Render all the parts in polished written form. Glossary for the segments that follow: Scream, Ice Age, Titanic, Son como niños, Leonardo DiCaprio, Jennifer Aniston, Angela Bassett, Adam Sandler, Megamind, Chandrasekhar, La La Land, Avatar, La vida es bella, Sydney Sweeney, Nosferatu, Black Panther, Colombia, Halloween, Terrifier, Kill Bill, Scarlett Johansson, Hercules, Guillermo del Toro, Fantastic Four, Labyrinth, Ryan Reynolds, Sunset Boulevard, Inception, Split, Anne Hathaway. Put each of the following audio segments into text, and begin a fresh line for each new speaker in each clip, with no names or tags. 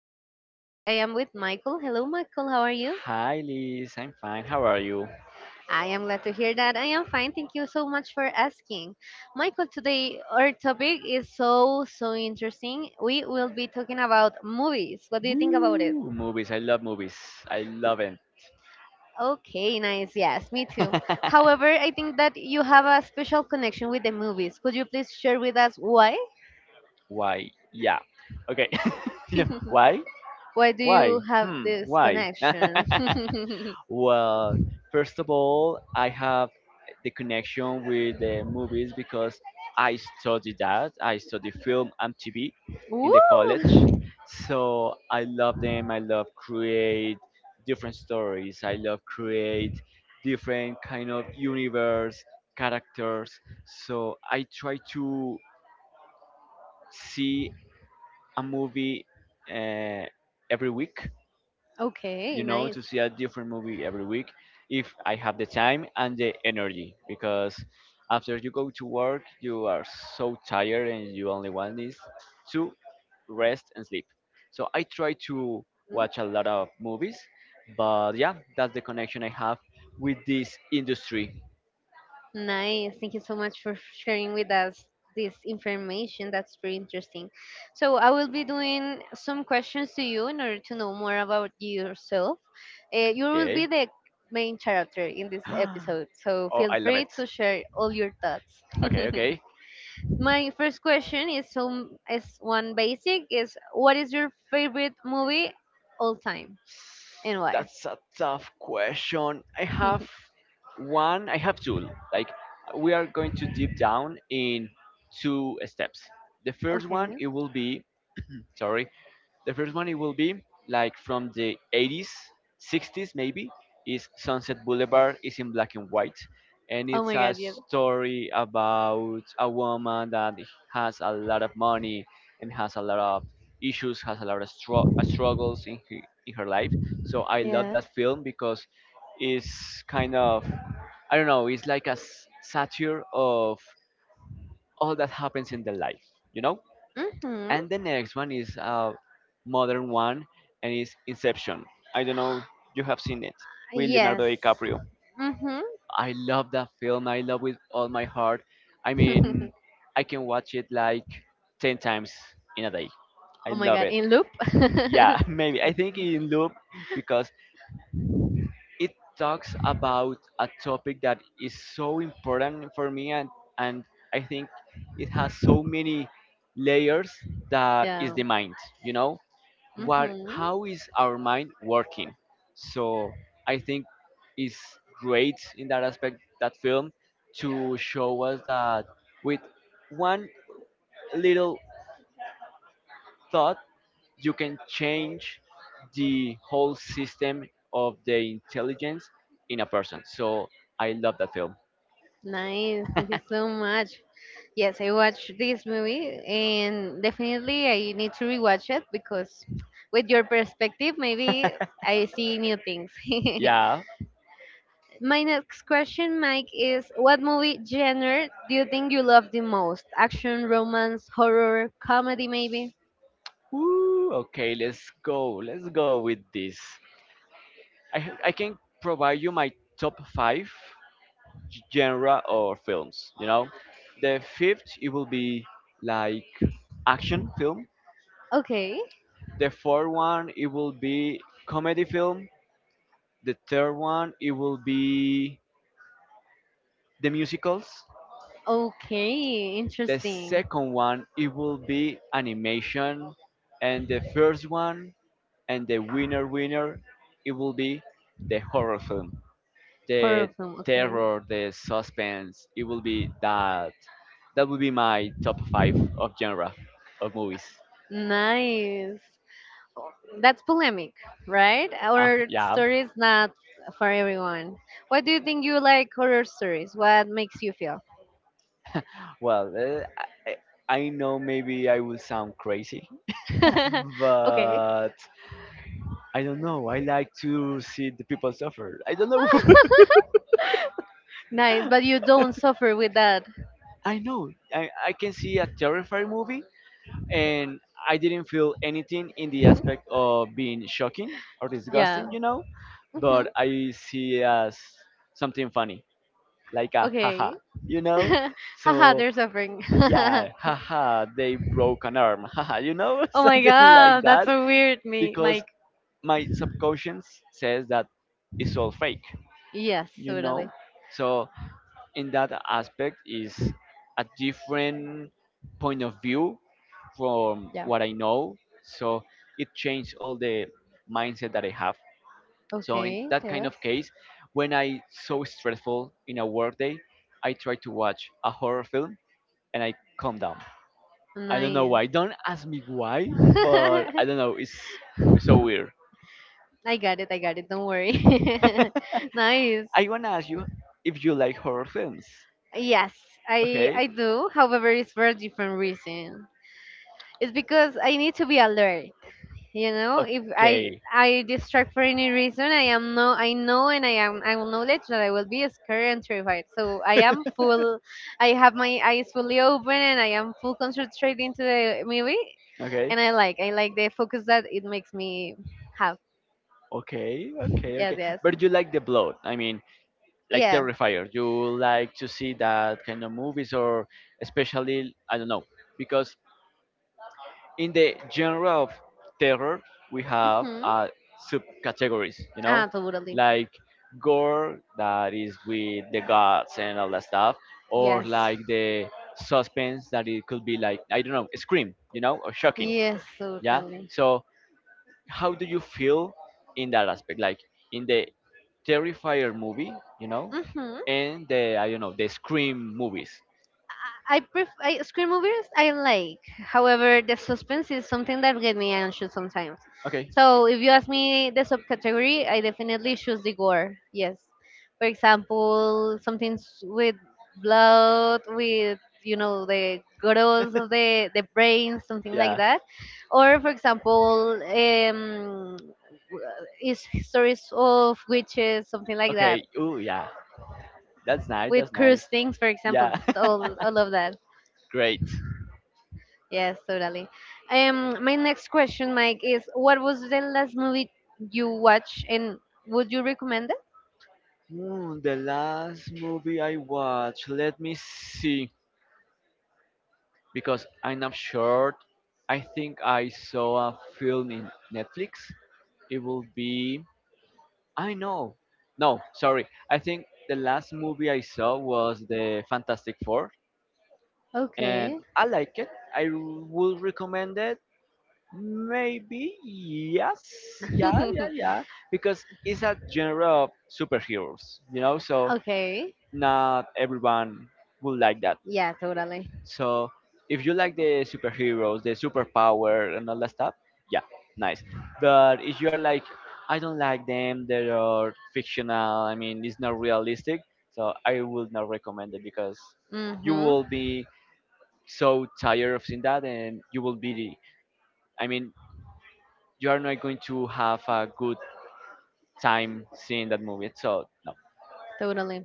Podcast. Today I am with Michael. Hello, Michael. How are you?
Hi Liz, I'm fine. How are you?
I am glad to hear that. I am fine. Thank you so much for asking. Michael, today our topic is so, so interesting. We will be talking about movies. What do you think about it?
Woo! Movies. I love movies. I love it.
Okay, nice. Yes, me too. However, I think that you have a special connection with the movies. Could you please share with us why?
Why? Yeah. Okay. yeah. Why?
Why do you
Why?
have
Hmm.
this
Why?
connection?
Well, first of all, I have the connection with the movies because I study that. I study film and TV
Woo!
in the college. So I love them. I love create different stories. I love create different kind of universe, characters. So I try to see a movie uh, every week
Okay,
you know,
nice.
to see a different movie every week if I have the time and the energy. Because after you go to work, you are so tired and you only want is to rest and sleep. So I try to watch a lot of movies, but yeah, that's the connection I have with this industry.
Nice. Thank you so much for sharing with us this information. That's very interesting. So I will be doing some questions to you in order to know more about yourself. You will be
Okay.
the main character in this episode, so
Oh,
feel
I love
free
it.
to share all your thoughts.
Okay, okay.
My first question is one basic is what is your favorite movie all time and why?
That's a tough question. I have one, I have two. Like, we are going to deep down in two steps. The first one,
Okay.
it will be, sorry, the first one it will be like from the 80s, 60s maybe, is Sunset Boulevard is in black and white. And
Oh
it's
my
a
god, yes.
story about a woman that has a lot of money and has a lot of issues, has a lot of struggles in, in her life. So I love
Yeah.
that film because it's kind of, I don't know, it's like a satire of all that happens in the life, you know? And the next one is a modern one and is Inception. I don't know if you have seen it with Leonardo
Yes.
DiCaprio.
Mhm.
I love that film. I love with all my heart. I
Yes. Mhm.
mean, I can watch it like 10 times in a day. I
Oh my
love
god,
it.
in loop?
Yeah, maybe. I think in loop because it talks about a topic that is so important for me and I think it has so many layers that
Yeah.
is the mind, you know? What
hmm
how is our mind working, so I think it's great in that aspect that film to show us that with one little thought you can change the whole system of the intelligence in a person, so I love that film,
Nice, thank you so much. Yes, I watched this movie and definitely I need to rewatch it because with your perspective maybe I see new things.
yeah.
My next question, Mike, is what movie genre do you think you love the most? Action, romance, horror, comedy, maybe?
Woo, okay, let's go, let's go with this. I can provide you my top 5 genre or films, you know. The fifth it will be like action film,
Okay.
the fourth one it will be comedy film, the third one it will be the musicals,
Okay.
the
Interesting.
second one it will be animation, and the first one and the winner winner, it will be the horror film,
Horror
the
film. Okay.
terror, the suspense. It will be that. That would be my top five of genre of movies.
Nice. That's polemic, right? Our
Yeah.
story is not for everyone. Why do you think you like horror stories? What makes you feel?
Well, I, I know maybe I will sound crazy,
okay.
but I don't know. I like to see the people suffer. I don't know.
Nice, but you don't suffer with that.
I know. I can see a terrifying movie, and I didn't feel anything in the aspect of being shocking or disgusting,
Yeah.
you know.
hmm
But I see it as something funny, like a haha,
Okay.
you know?
Haha,
So
they're suffering. Oh
yeah, haha, they broke an arm, haha, you know,
my
something like
god, that's
that.
so weird, me,
Because
Mike.
my subconscious says that it's all fake,
Yes,
you know?
totally.
So in that aspect is a different point of view from
Yeah.
what I know. So it changed all the mindset that I have. So in
Okay,
that kind
yes.
of case, when I so stressful in a work day, I try to watch a horror film and I calm down. I don't know why.
Nice.
Don't ask me why, but I don't know. It's so weird.
I got it, don't worry. nice.
I wanna ask you if you like horror films.
Yes, I
Okay.
I do. However, it's for a different reason. It's because I need to be alert. You know if i
Okay.
i distract for any reason I am no I know and I am I will knowledge that I will be scared and terrified, so I am full. I have my eyes fully open and I am full concentrated into the movie,
Okay.
and I like the focus that it makes me have.
Okay, okay,
Yes,
okay.
yes.
But you like the blood. I mean, like
Yeah.
Terrifier. You like to see that kind of movies, or especially I don't know, because in the genre of terror we have
hmm
subcategories, you know,
ah, totally.
like gore that is with the guts and all that stuff, or
Yes.
like the suspense that it could be like, I don't know, Scream, you know, or shocking.
Yes,
Yeah.
totally.
So how do you feel in that aspect, like in the Terrifier movie, you know,
hmm
and the I don't know the Scream movies.
I prefer screen movies. I like. However, the suspense is something that get me anxious sometimes.
Okay.
So if you ask me the subcategory, I definitely choose the gore. Yes. For example, something with blood, with you know the growth of the brain, something like
Yeah.
that. Or for example, is stories of witches, something like that.
Okay, ooh, yeah, that's nice,
With
that's nice.
cursed things, for example,
Yeah.
all of that.
Great.
Yes, totally. My next question, Mike, is what was the last movie you watched and would you recommend it?
Hmm, the last movie I watched, let me see, because I'm not sure. I think I saw a film in Netflix. It will be. I know. No, sorry. I think the last movie I saw was the Fantastic Four, and
Okay.
I like it. I would recommend it. Maybe yes, yeah, yeah, yeah, because it's a genre of superheroes, you know. So
okay.
not everyone would like that.
Yeah, totally.
So if you like the superheroes, the superpower, and all that stuff, yeah, nice. But if you are like, I don't like them, they are fictional. I mean, it's not realistic. So I would not recommend it because you
Mm-hmm.
will be so tired of seeing that, and you will be. I mean, you are not going to have a good time seeing that movie. So no.
Totally.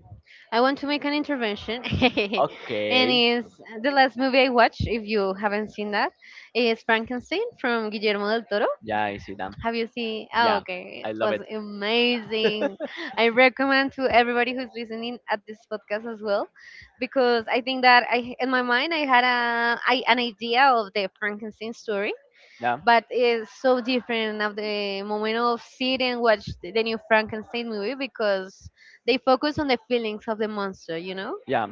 I want to make an intervention, and
Okay.
is the last movie I watched. If you haven't seen that, is Frankenstein from Guillermo del Toro.
Yeah, I see them.
Have you seen? Oh,
Yeah,
okay.
I
It
love
was
it.
amazing. I recommend to everybody who's listening at this podcast as well, because I think that I, in my mind, I had a, I, an idea of the Frankenstein story,
Yeah.
but it's so different of the moment of sit and watch the new Frankenstein movie because they focus on the feelings of the monster, you know?
Yeah.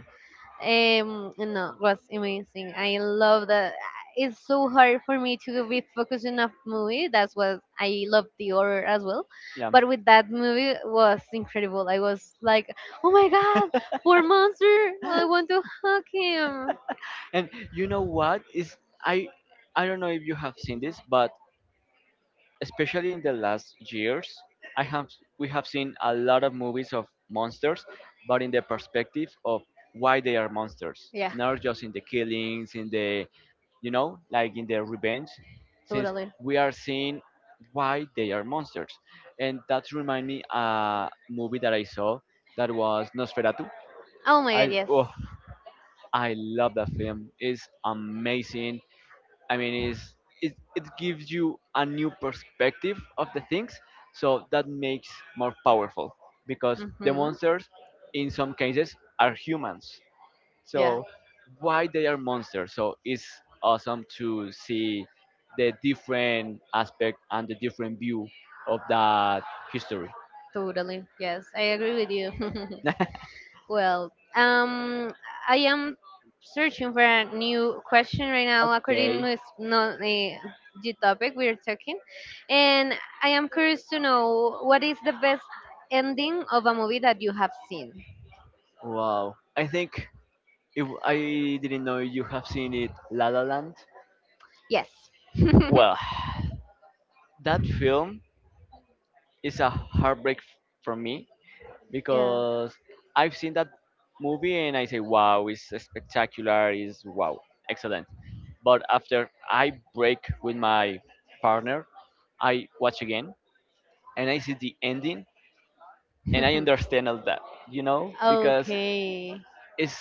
No, it was amazing. I love that. It's so hard for me to be focused on a movie. That's what I love the horror as well.
Yeah.
But with that movie, it was incredible. I was like, oh my god, poor monster! I want to hug him.
And you know what is I I don't know if you have seen this, but especially in the last years, I have we have seen a lot of movies of monsters, but in the perspective of why they are monsters,
Yeah,
not just in the killings, in the you know, like in the revenge, since
totally.
we are seeing why they are monsters, and that remind me a movie that I saw that was Nosferatu.
Oh my god,
I
yes.
oh, I love that film. It's amazing. I mean, is it gives you a new perspective of the things, so that makes more powerful because the
Mm-hmm.
monsters, in some cases, are humans.
Yeah,
So why they are monsters? So it's awesome to see the different aspect and the different view of that history.
totally. Yes, I agree with you. Well, I am searching for a new question right now according
Okay,
with not the, the topic we are talking, and I am curious to know what is the best ending of a movie that you have seen.
wow. I think if I didn't know you have seen it, La La Land.
Yes.
Well, that film. It's a heartbreak for me,
yeah.
because I've seen that movie and I say, wow, it's spectacular, it's wow, excellent. But after I break with my partner, I watch again and I see the ending and I understand all that, you know, because
okay.
it's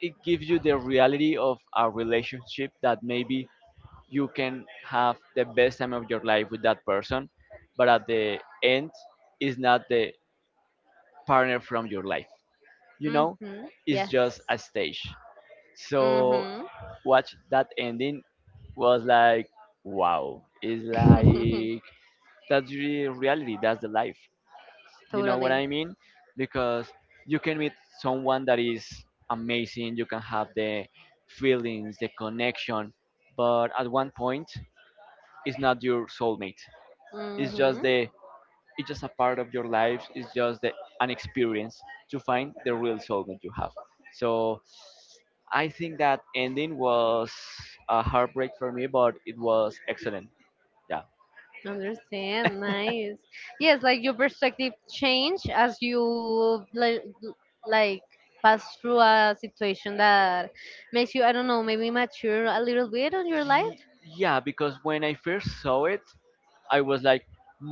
it gives you the reality of a relationship that maybe you can have the best time of your life with that person, but at the end, it's not the partner from your life. You know,
Mhm.
it's
Yes.
just a stage. So
Mhm.
watch that ending was like wow. It's like that's the reality. That's the life. You know what
totally.
I mean? Because you can meet someone that is amazing. You can have the feelings, the connection, but at one point, it's not your soulmate. It's just
Mhm.
the it's just a part of your life. It's just the, an experience to find the real soul that you have. So I think that ending was a heartbreak for me, but it was excellent. Yeah.
Understand, nice. Yes, like your perspective change as you like pass through a situation that makes you, I don't know, maybe mature a little bit on your life.
Yeah, because when I first saw it, I was like,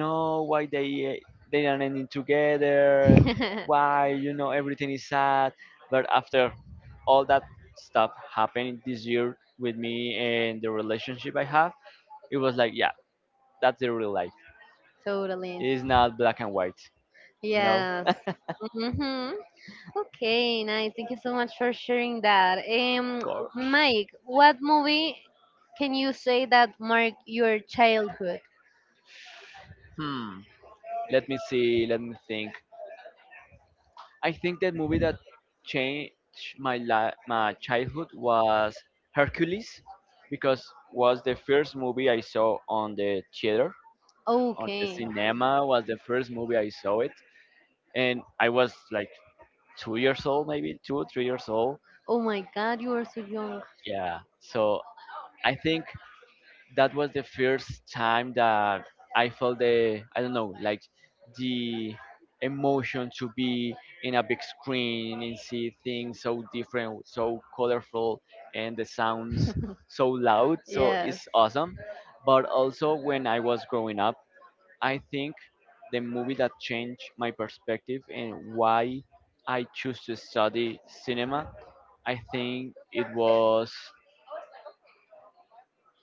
no, why they are not ending together? Why you know everything is sad? But after all that stuff happened this year with me and the relationship I have, it was like, yeah, that's the real life.
Totally.
It's not black and white, you know?
Yes.
Of
Mm-hmm. Okay, nice. Thank you so much for sharing that. Um,
course.
Mike, what movie can you say that marked your childhood?
Hmm. Let me see. Let me think. I think the movie that changed my childhood was Hercules, because was the first movie I saw on the theater, on the
Okay.
cinema. Was the first movie I saw it, and I was like 2 years old, maybe two, 3 years old.
Oh my God, you are so young.
Yeah. So I think that was the first time that I felt the I don't know like the emotion to be in a big screen and see things so different, so colorful, and the sounds so loud. So
Yes.
it's awesome. But also when I was growing up, I think the movie that changed my perspective and why I choose to study cinema, I think it was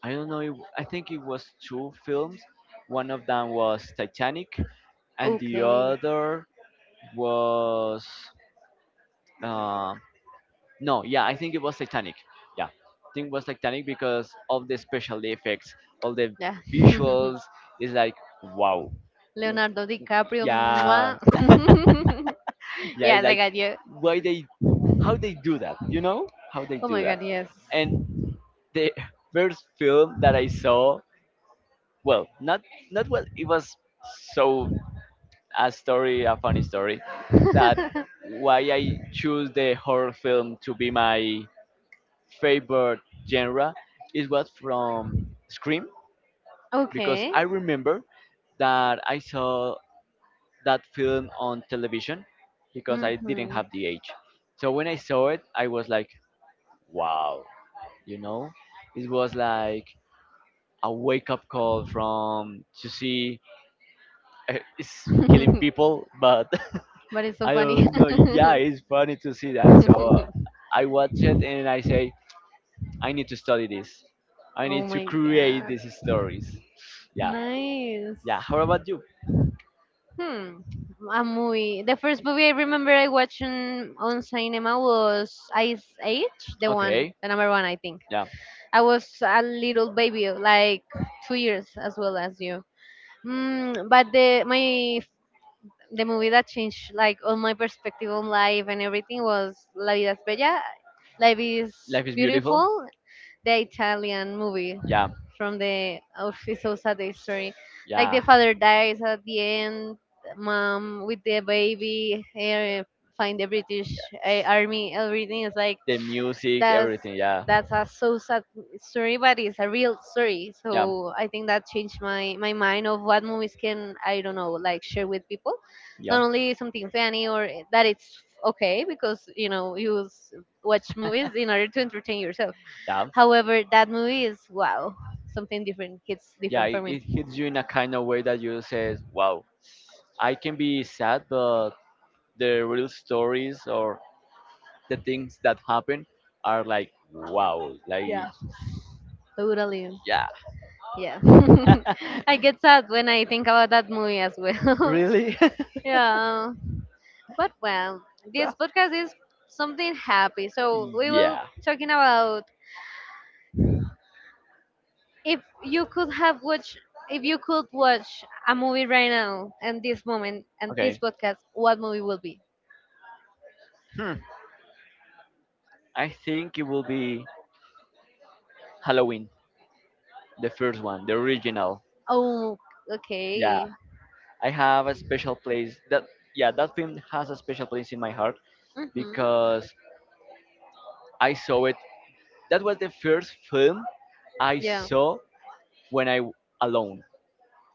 I don't know. I think it was two films. One of them was Titanic, and the
Okay.
other was uh, no. Yeah, I think it was Titanic. Yeah, I think it was Titanic because of the special effects, all the
Yeah.
visuals. It's like wow. W-
Leonardo DiCaprio. Mwah.
Yeah, yeah. It's
yes, I
like
got you.
why they, how they do that. You know how they
Oh
do
my
that.
god, yes.
And the first film that I saw, well, not what it was so a story, a funny story, that why I choose the horror film to be my favorite genre is was from Scream, because
Okay.
I remember that I saw that film on television because I didn't
Mm-hmm.
have the age. So when I saw it, I was like, wow, you know, it was like a wake up call from to see it's killing people, but
But it's so
I
funny.
don't know. Yeah, it's funny to see that. So I watch it and I say, I need to study this. I
Oh
need to
my
create
god.
these stories. Yeah,
Nice.
yeah. How about you?
Hmm. A movie. The first movie I remember I watched on cinema was Ice Age, the one,
Okay.
the number one, I think.
Yeah.
I was a little baby, like 2 years as well as you. Mm, but the my the movie that changed like all my perspective on life and everything was La vida es bella. Life is
Life is beautiful.
beautiful. The Italian movie
Yeah,
from the oh, it's so sad the story. Like
yeah.
the father dies at the end. Mom with the baby find the British army. Everything is like
The music,
that's
everything. Yeah,
that's a so sad story, but it's a real story.
yeah,
So I think that changed my my mind of what movies can I don't know like share with people.
yeah,
Not only something funny or that it's okay because you know watch movies in order to entertain yourself.
yeah.
However, that movie is wow, something different. It's
Yeah,
different for
it,
me.
it hits you in a kind of way that you say, wow, I can be sad, but the real stories or the things that happen are like, wow, like,
Yeah. Totally. Yeah.
yeah.
I get sad when I think about that movie as well.
Really?
yeah. But well, this podcast is something happy. So we will
Yeah.
talking about if you could have watched if you could watch a movie right now and this moment and this
Okay.
podcast, what movie will be?
Hmm. I think it will be Halloween, the first one, the original.
Oh,
Yeah.
okay.
I have a special place that, yeah, that film has a special place in my heart
Mhm.
because I saw it. That was the first film I
Yeah.
saw when alone,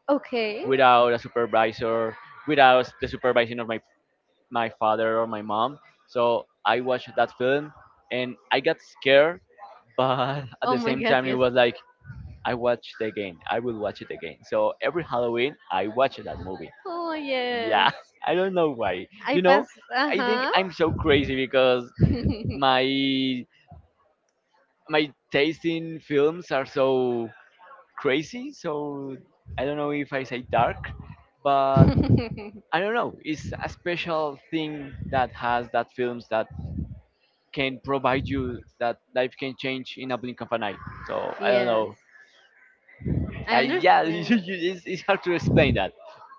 Okay.
without a supervisor, without the supervision of my father or my mom. So I watched that film and I got scared, but at
Oh
the
my
same
God.
time it
Yes.
was like I watched it again. I will watch it again. So every Halloween, I watch that movie.
Oh
Yeah,
yes.
I don't know why.
I pass. Uh
I think
huh.
I'm so crazy because my taste in films are so crazy. So I don't know if I say dark, but I don't know. It's a special thing that has that films that can provide you that life can change in a blink of an eye. So I don't
yes.
know.
I
I, yeah,
understand.
it's hard to explain that.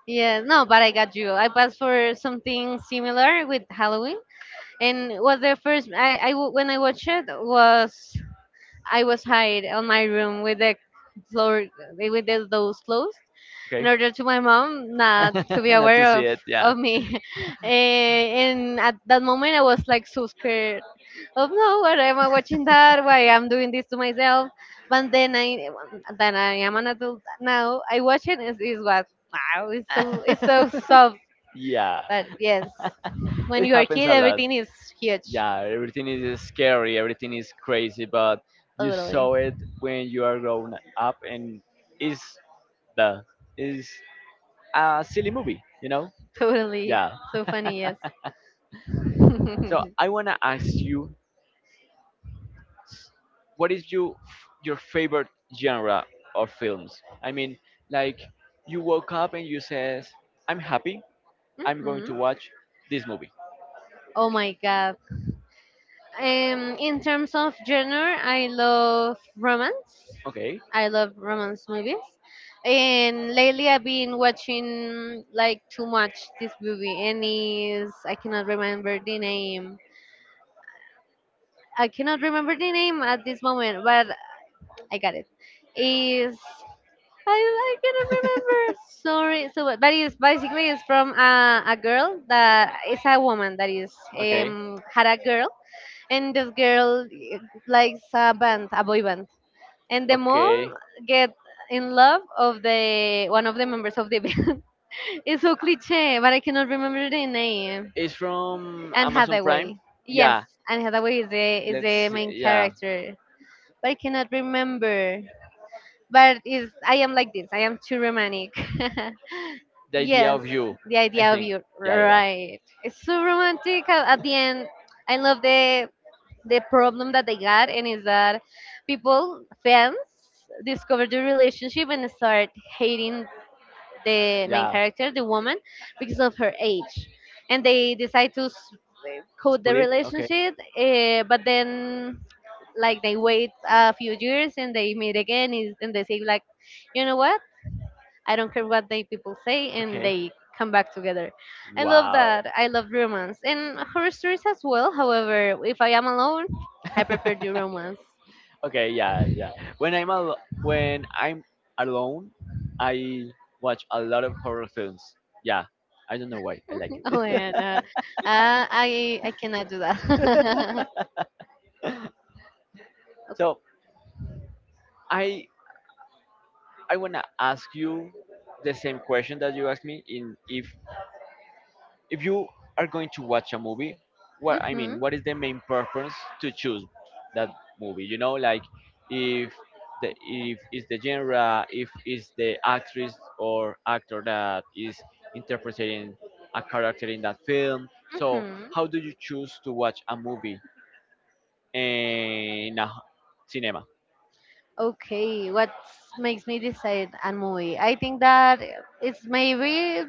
Yes, no, but I got you. I passed for something similar with Halloween, and was the first when I watched it was I was hide on my room with the floor with the, those clothes, in
Okay.
order to my mom not to be
Not to
aware
see it, yeah.
of me And at that moment I was like so scared of no why am I watching that why I'm doing this to myself but then I am an adult now I watch it. It is what wow it's so soft
Yeah,
but yes when
it
you are a
happens
kid
a lot.
everything is huge.
Yeah, everything is scary, everything is crazy, but you
Totally.
saw it when you are growing up, and it's the is a silly movie, you know.
Totally.
Yeah.
So funny, yes.
So I wanna ask you, what is your favorite genre of films? I mean, like you woke up and you says, "I'm happy. I'm going to
Mhm.
watch this movie."
Oh my god. In terms of genre, I love romance.
Okay.
I love romance movies. And lately, I've been watching like too much this movie, and is I cannot remember the name. I cannot remember the name at this moment, but I got it. Is I cannot remember. Sorry. So, but it's basically it's from a girl that is a woman that is
Okay.
had a girl and this girl likes a band, a boy band, and the mom
Okay.
get in love of the one of the members of the band. it's so cliche, but I cannot remember the name.
It's from
Anne
Amazon Prime.
Hathaway.
Yeah.
Yes, Anne Hathaway is
Let's
the
see,
main
yeah.
character, but I cannot remember. But is I am like this. I am too romantic.
The idea
yes,
of you.
the
I
idea of
think.
you.
Yeah. Yeah.
Right. It's so romantic. At the end, I love the problem that they got and is that people
Yeah.
fans discover the relationship and start hating the main
Yeah.
character the woman because of her age and they decide to cut the
Split. Okay.
relationship but then like they wait a few years and they meet again and they say like you know what I don't care what they people say, and
Okay.
they come back together. I love
Wow.
that. I love romance and horror stories as well. However, if I am alone, I prefer the romance.
Okay. Yeah. Yeah. When I'm al- when I'm alone, I watch a lot of horror films. Yeah. I don't know why. I like it.
Oh yeah, no, I cannot do that.
So I I wanna ask you the same question that you asked me in, if you are going to watch a movie, what I
hmm
mean, what is the main purpose to choose that movie? You know, like if the if it's the genre, if it's the actress or actor that is interpreting a character in that film. So
hmm
how do you choose to watch a movie in a cinema?
Okay, what makes me decide a movie? I think that it's maybe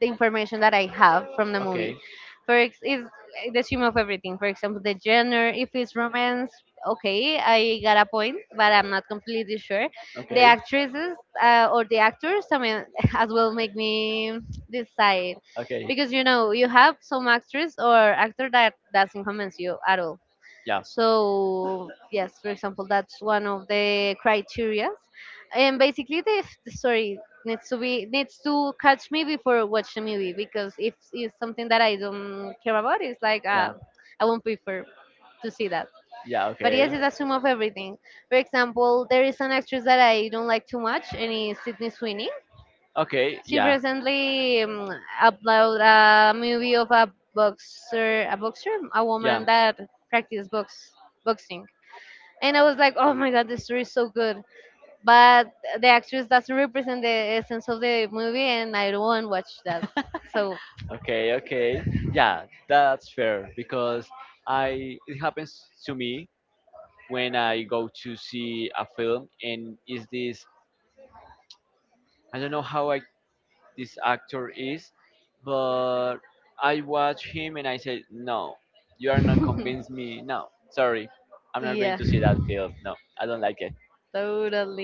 the information that I have from the movie.
Okay.
Is the sum of everything. For example, the genre. If it's romance, okay, I got a point, but I'm not completely sure. The
Okay.
actresses or the actors, I mean, as well make me decide
Okay.
because you know you have some actress or actor that doesn't convince you at all
Yeah.
so yes, for example, that's one of the criteria. And basically, the story needs to be needs to catch me before I watch the movie because if it's something that I don't care about, it's like
Yeah.
I won't prefer to see that.
Yeah.
But yes,
Okay.
it's a sum of everything. For example, there is an actress that I don't like too much, and it's Sydney Sweeney.
Okay.
She
Yeah.
recently uploaded a movie of a boxer, a woman
Yeah.
that practices boxing, and I was like, oh my god, the story is so good. But the actress doesn't represent the essence of the movie, and I don't want to watch that. So
Okay. Okay. Yeah. That's fair because I, it happens to me when I go to see a film and is this, I don't know how I this actor is, but I watch him and I said, no, you are not convinced me. No, sorry, I'm not going
yeah,
to see that film. No, I don't like it.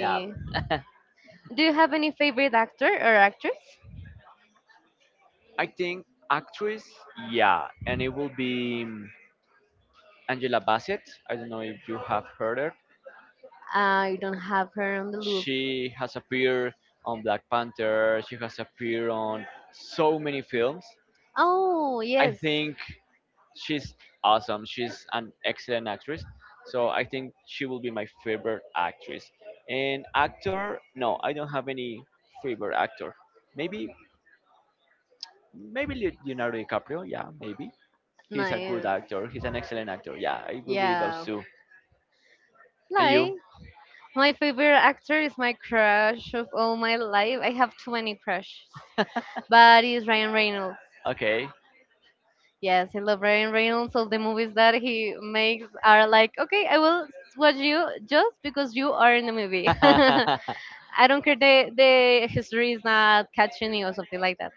Yeah,
Do you have any favorite actor or actress?
I think actress, yeah, and it will be Angela Bassett. I don't know if you have heard her.
I don't have her on the loop.
She has appeared on Black Panther. She has appeared on so many films.
Oh
I
yes,
think she's awesome. She's an excellent actress. So I think she will be my favorite actress. And actor, no, I don't have any favorite actor. Maybe Maybe Leonardo DiCaprio, yeah, maybe. He's a good
nice.
actor. He's an excellent actor. Yeah, it will be those
Yeah,
two. And
like,
you?
my favorite actor is my crush of all my life. I have too many crushes, but it's Ryan Reynolds.
Okay.
Yes, I love Ryan Reynolds. All the movies that he makes are like, okay, I will watch you just because you are in the movie.
Oh
I don't care, the history is not catching you or something like that.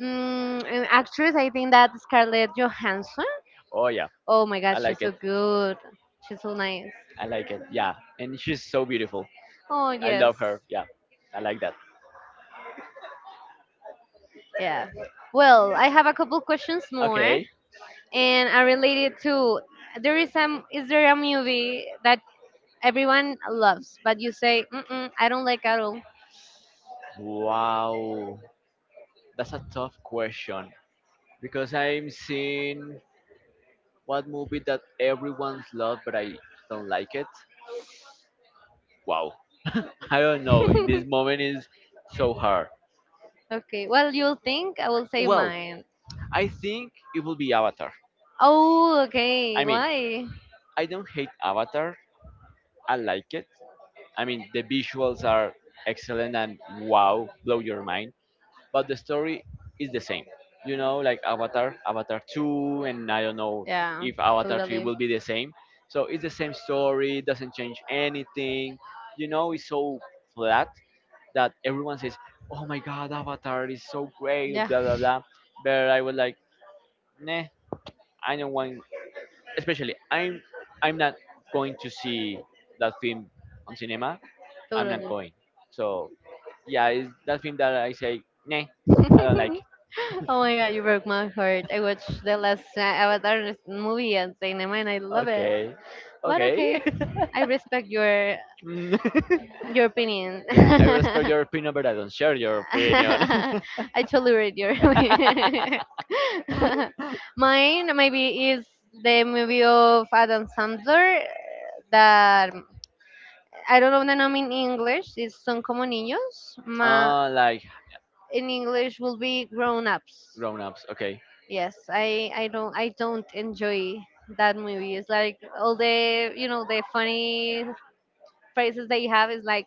Mm, an actress, I think that Scarlett Johansson.
yeah,
Oh my
I
God, she's
like it.
so good. She's so nice.
I like it. Yeah. And she's so beautiful.
Oh
I
yes,
love her. Yeah. I like that.
yeah. Well, I have a couple questions more,
Okay.
and are related to there is some. Is there a movie that everyone loves, but you say, mm-mm, I don't like at all?
Wow. That's a tough question. Because I'm seeing what movie that everyone's love, but I don't like it. Wow, I don't know. In this moment, is so hard.
Okay, well, you'll think, I will say
Well,
mine.
I think it will be Avatar.
Oh, okay.
I mean,
Why?
I don't hate Avatar. I like it. I mean, the visuals are excellent and wow, blow your mind. But the story is the same. You know, like Avatar, Avatar 2, and I don't know
Yeah,
if Avatar 3
totally.
will be the same. So it's the same story, doesn't change anything. You know, it's so flat that everyone says, "Oh my God, Avatar is so great,"
Yeah,
blah blah blah. But I was like, "Nah, I don't want." Especially, I'm not going to see that film on cinema. I'm not
totally.
going. So yeah, it's that film that I say, "Nah, I don't like."
Oh my god, you broke my heart. I watched the last Avatar movie and cinema, and I love it.
Okay.
But
Okay.
okay, I respect your
Mm.
opinion.
Yeah, I respect your opinion, but I don't share your opinion.
I tolerate your. opinion. Mine maybe is the movie of Adam Sandler, that I don't know the name in English. It's Son como niños. Ma,
Like
in English will be Grown Ups.
grown ups. Okay.
Yes, I don't, I don't enjoy that movie. It's like all the, you know, the funny phrases they have is like,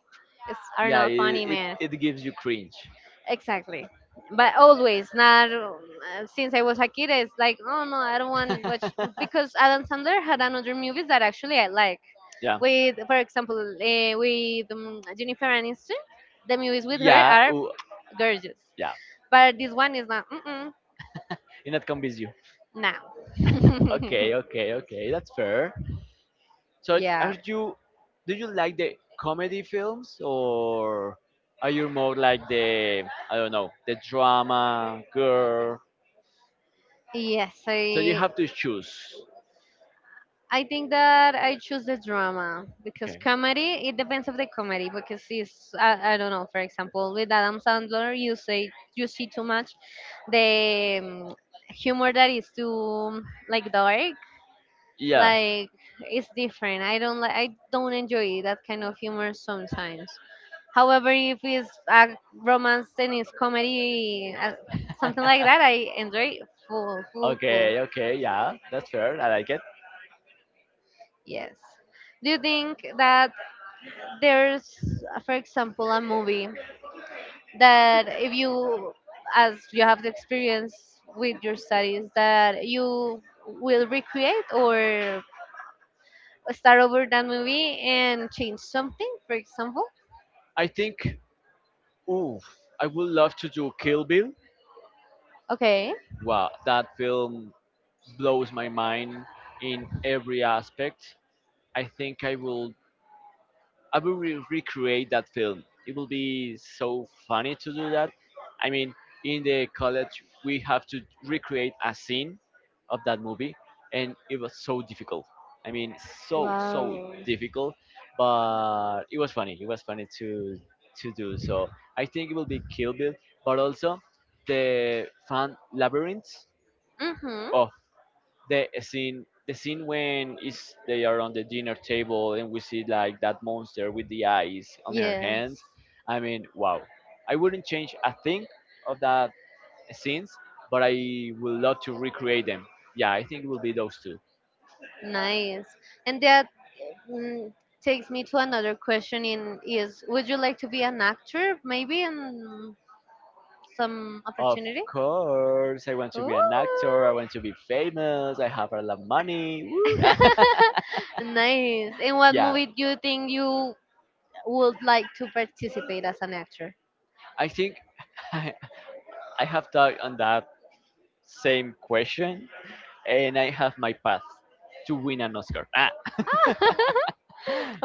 it's, are
Yeah,
not funny, man.
it gives you cringe.
Exactly. But always, not since I was a kid, it's like, oh no, I don't want watch, because Adam Sandler had another movies that actually I like.
Yeah.
With, for example, with Jennifer Aniston, the movies with her
Yeah,
are
w-
gorgeous,
yeah,
but this one is not. Mm-mm,
it not convince you.
no.
Okay, okay, okay, that's fair. So are
Yeah.
you, do you like the comedy films, or are you more like the, I don't know, the drama girl,
Yes,
so you have to choose.
I think that I choose the drama, because
Okay,
comedy, it depends of the comedy, because it's, I don't know. For example, with Adam Sandler, you say you see too much the humor that is too like dark,
yeah.
like, it's different. I don't like, I don't enjoy that kind of humor sometimes. However, if it's a romance and it's comedy, something like that, I enjoy full, full, full.
Okay, okay, yeah, that's fair, I like it.
Yes. Do you think that there's for example, a movie that if you, as you have the experience with your studies, that you will recreate or start over that movie and change something, for example?
I think Ooh, I would love to do Kill Bill.
Okay.
Wow, that film blows my mind in every aspect. I think I will recreate that film. It will be so funny to do that. I mean, in the college, we have to recreate a scene of that movie, and it was so difficult. I mean, so
Wow.
difficult, but it was funny. It was funny to do. So I think it will be Kill Bill, but also the fan labyrinth.
Mm-hmm.
Oh, the scene when is they are on the dinner table and we see like that monster with the eyes on her
Yes.
hands. I mean, wow, I wouldn't change a thing of that scenes, but I would love to recreate them. Yeah, I think it will be those two.
Nice. And that, mm, takes me to another question in, is would you like to be an actor maybe in some
Of
opportunity?
course I want to
Ooh.
be an actor. I want to be famous. I have a lot of money. Woo.
Nice. In what
Yeah,
movie do you think you would like to participate as an actor?
I think, I have thought on that same question, and I have my path to win an Oscar. Ah.
Ah,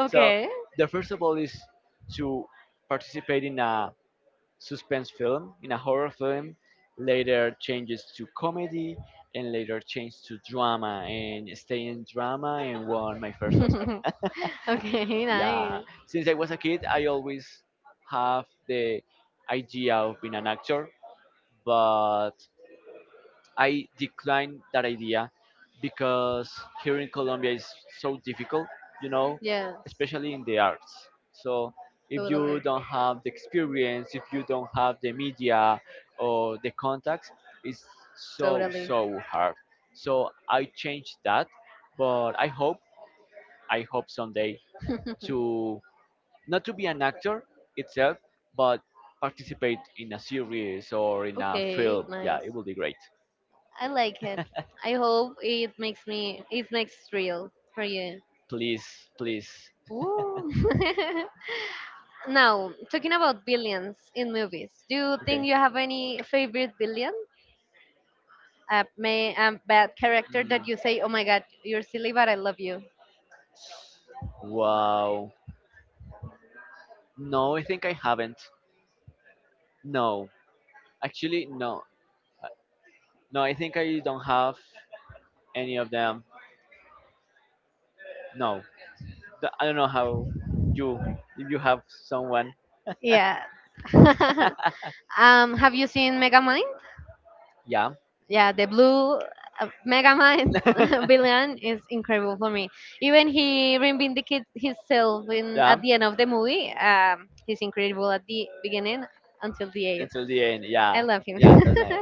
So
okay.
the first of all is to participate in a suspense film, in a horror film, later changes to comedy, and later change to drama, and stay in drama and won my first Oscar.
Okay,
Yeah,
nice.
since I was a kid, I always have the idea of being an actor, but I declined that idea because here in Colombia is so difficult, you know,
Yes,
especially in the arts. So if
totally.
you don't have the experience, if you don't have the media or the contacts, it's
Totally.
so hard. So I changed that, but I hope someday to not to be an actor itself, but participate in a series or in a
Okay,
film. Yeah,
nice.
it will be great.
I like it. I hope it makes me, it makes real for you.
Please, please.
Woo. Now, talking about billions in movies, do you think
Okay.
you have any favorite billion? A, may, a bad character
Mm.
that you say, oh my god, you're silly, but I love you.
Wow. No, I think I haven't. No. Actually, no. Uh, No, I think I don't have any of them. No. Th- I don't know how you, if you have someone.
Yeah. Have you seen Megamind?
Yeah.
Yeah, the blue Megamind villain is incredible for me. Even he reinvindicates himself in
Yeah.
at the end of the movie. He's incredible at the beginning until the end.
Until the end.
I
Yeah.
love him.
Yeah, that's right.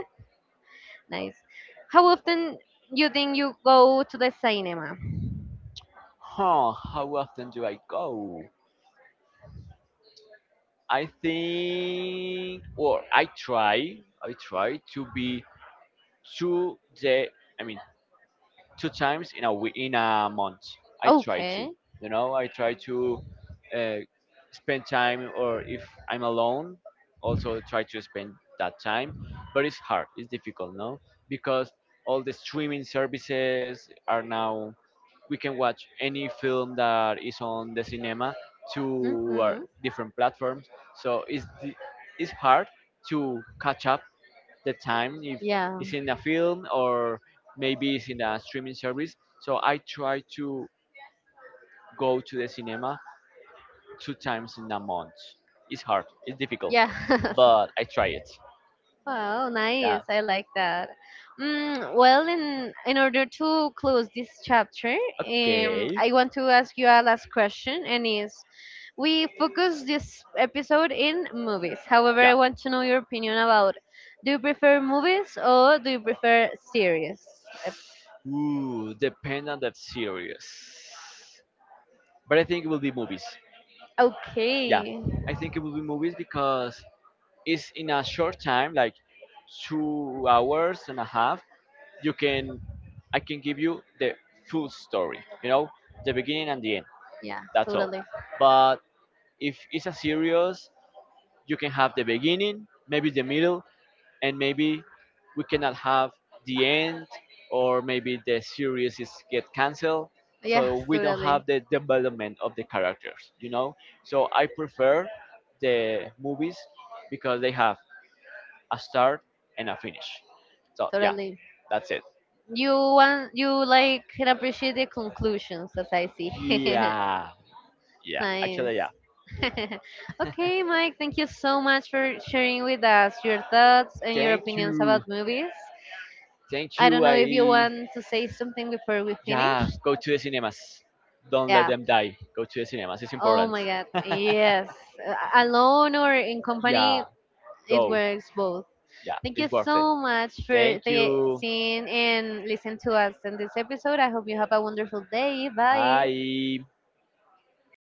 Nice. How often you think you go to the cinema?
Huh. How often do I go? I think, or I try to be 2 day, I mean, two times in a week, in a month. I try to,
Okay.
you know, I try to uh, spend time, or if I'm alone, also try to spend that time. But it's hard. It's difficult, no, because all the streaming services are now we can watch any film that is on the cinema to our
Hmm.
different platforms. So it's hard to catch up the time if
Yeah.
it's in a film or maybe it's in a streaming service. So I try to go to the cinema two times in a month. It's hard, it's difficult,
Yeah.
but I try it.
Wow,
Yeah.
nice. I like that. Mm, well, in order to close this chapter,
Okay.
I want to ask you a last question, and is, we focus this episode in movies. However,
Yeah.
I want to know your opinion about, do you prefer movies or do you prefer series?
Ooh, depend on that series. But I think it will be movies. Yeah.
Okay.
I think it will be movies because it's in a short time, like 2 hours and a half. You can, I can give you the full story, you know, the beginning and the end.
Yeah,
That's all.
totally.
But if it's a series, you can have the beginning, maybe the middle, and maybe we cannot have the end, or maybe the series is get cancelled.
Yeah,
So we don't
totally,
have the development of the characters, you know. So I prefer the movies because they have a start and a finish. So yeah,
totally.
that's it.
You want, you like can appreciate the conclusions, as I see.
Yeah. Yeah,
Nice.
actually, yeah.
Okay, Mike, thank you so much for sharing with us your thoughts and your
Thank
opinions
you.
about movies.
Thank
I don't
you.
know if you want to say something before we finish.
Yeah, go to the cinemas. Don't let
Yeah.
them die. Go to the cinemas. It's
Oh
important.
my God. Yes. Alone or in company,
Yeah,
it
go.
works both.
Yeah,
Thank you
it's worth it.
so much for
Thank
the-
you.
seeing and listening to us in this episode. I hope you have a wonderful day. Bye.
Bye.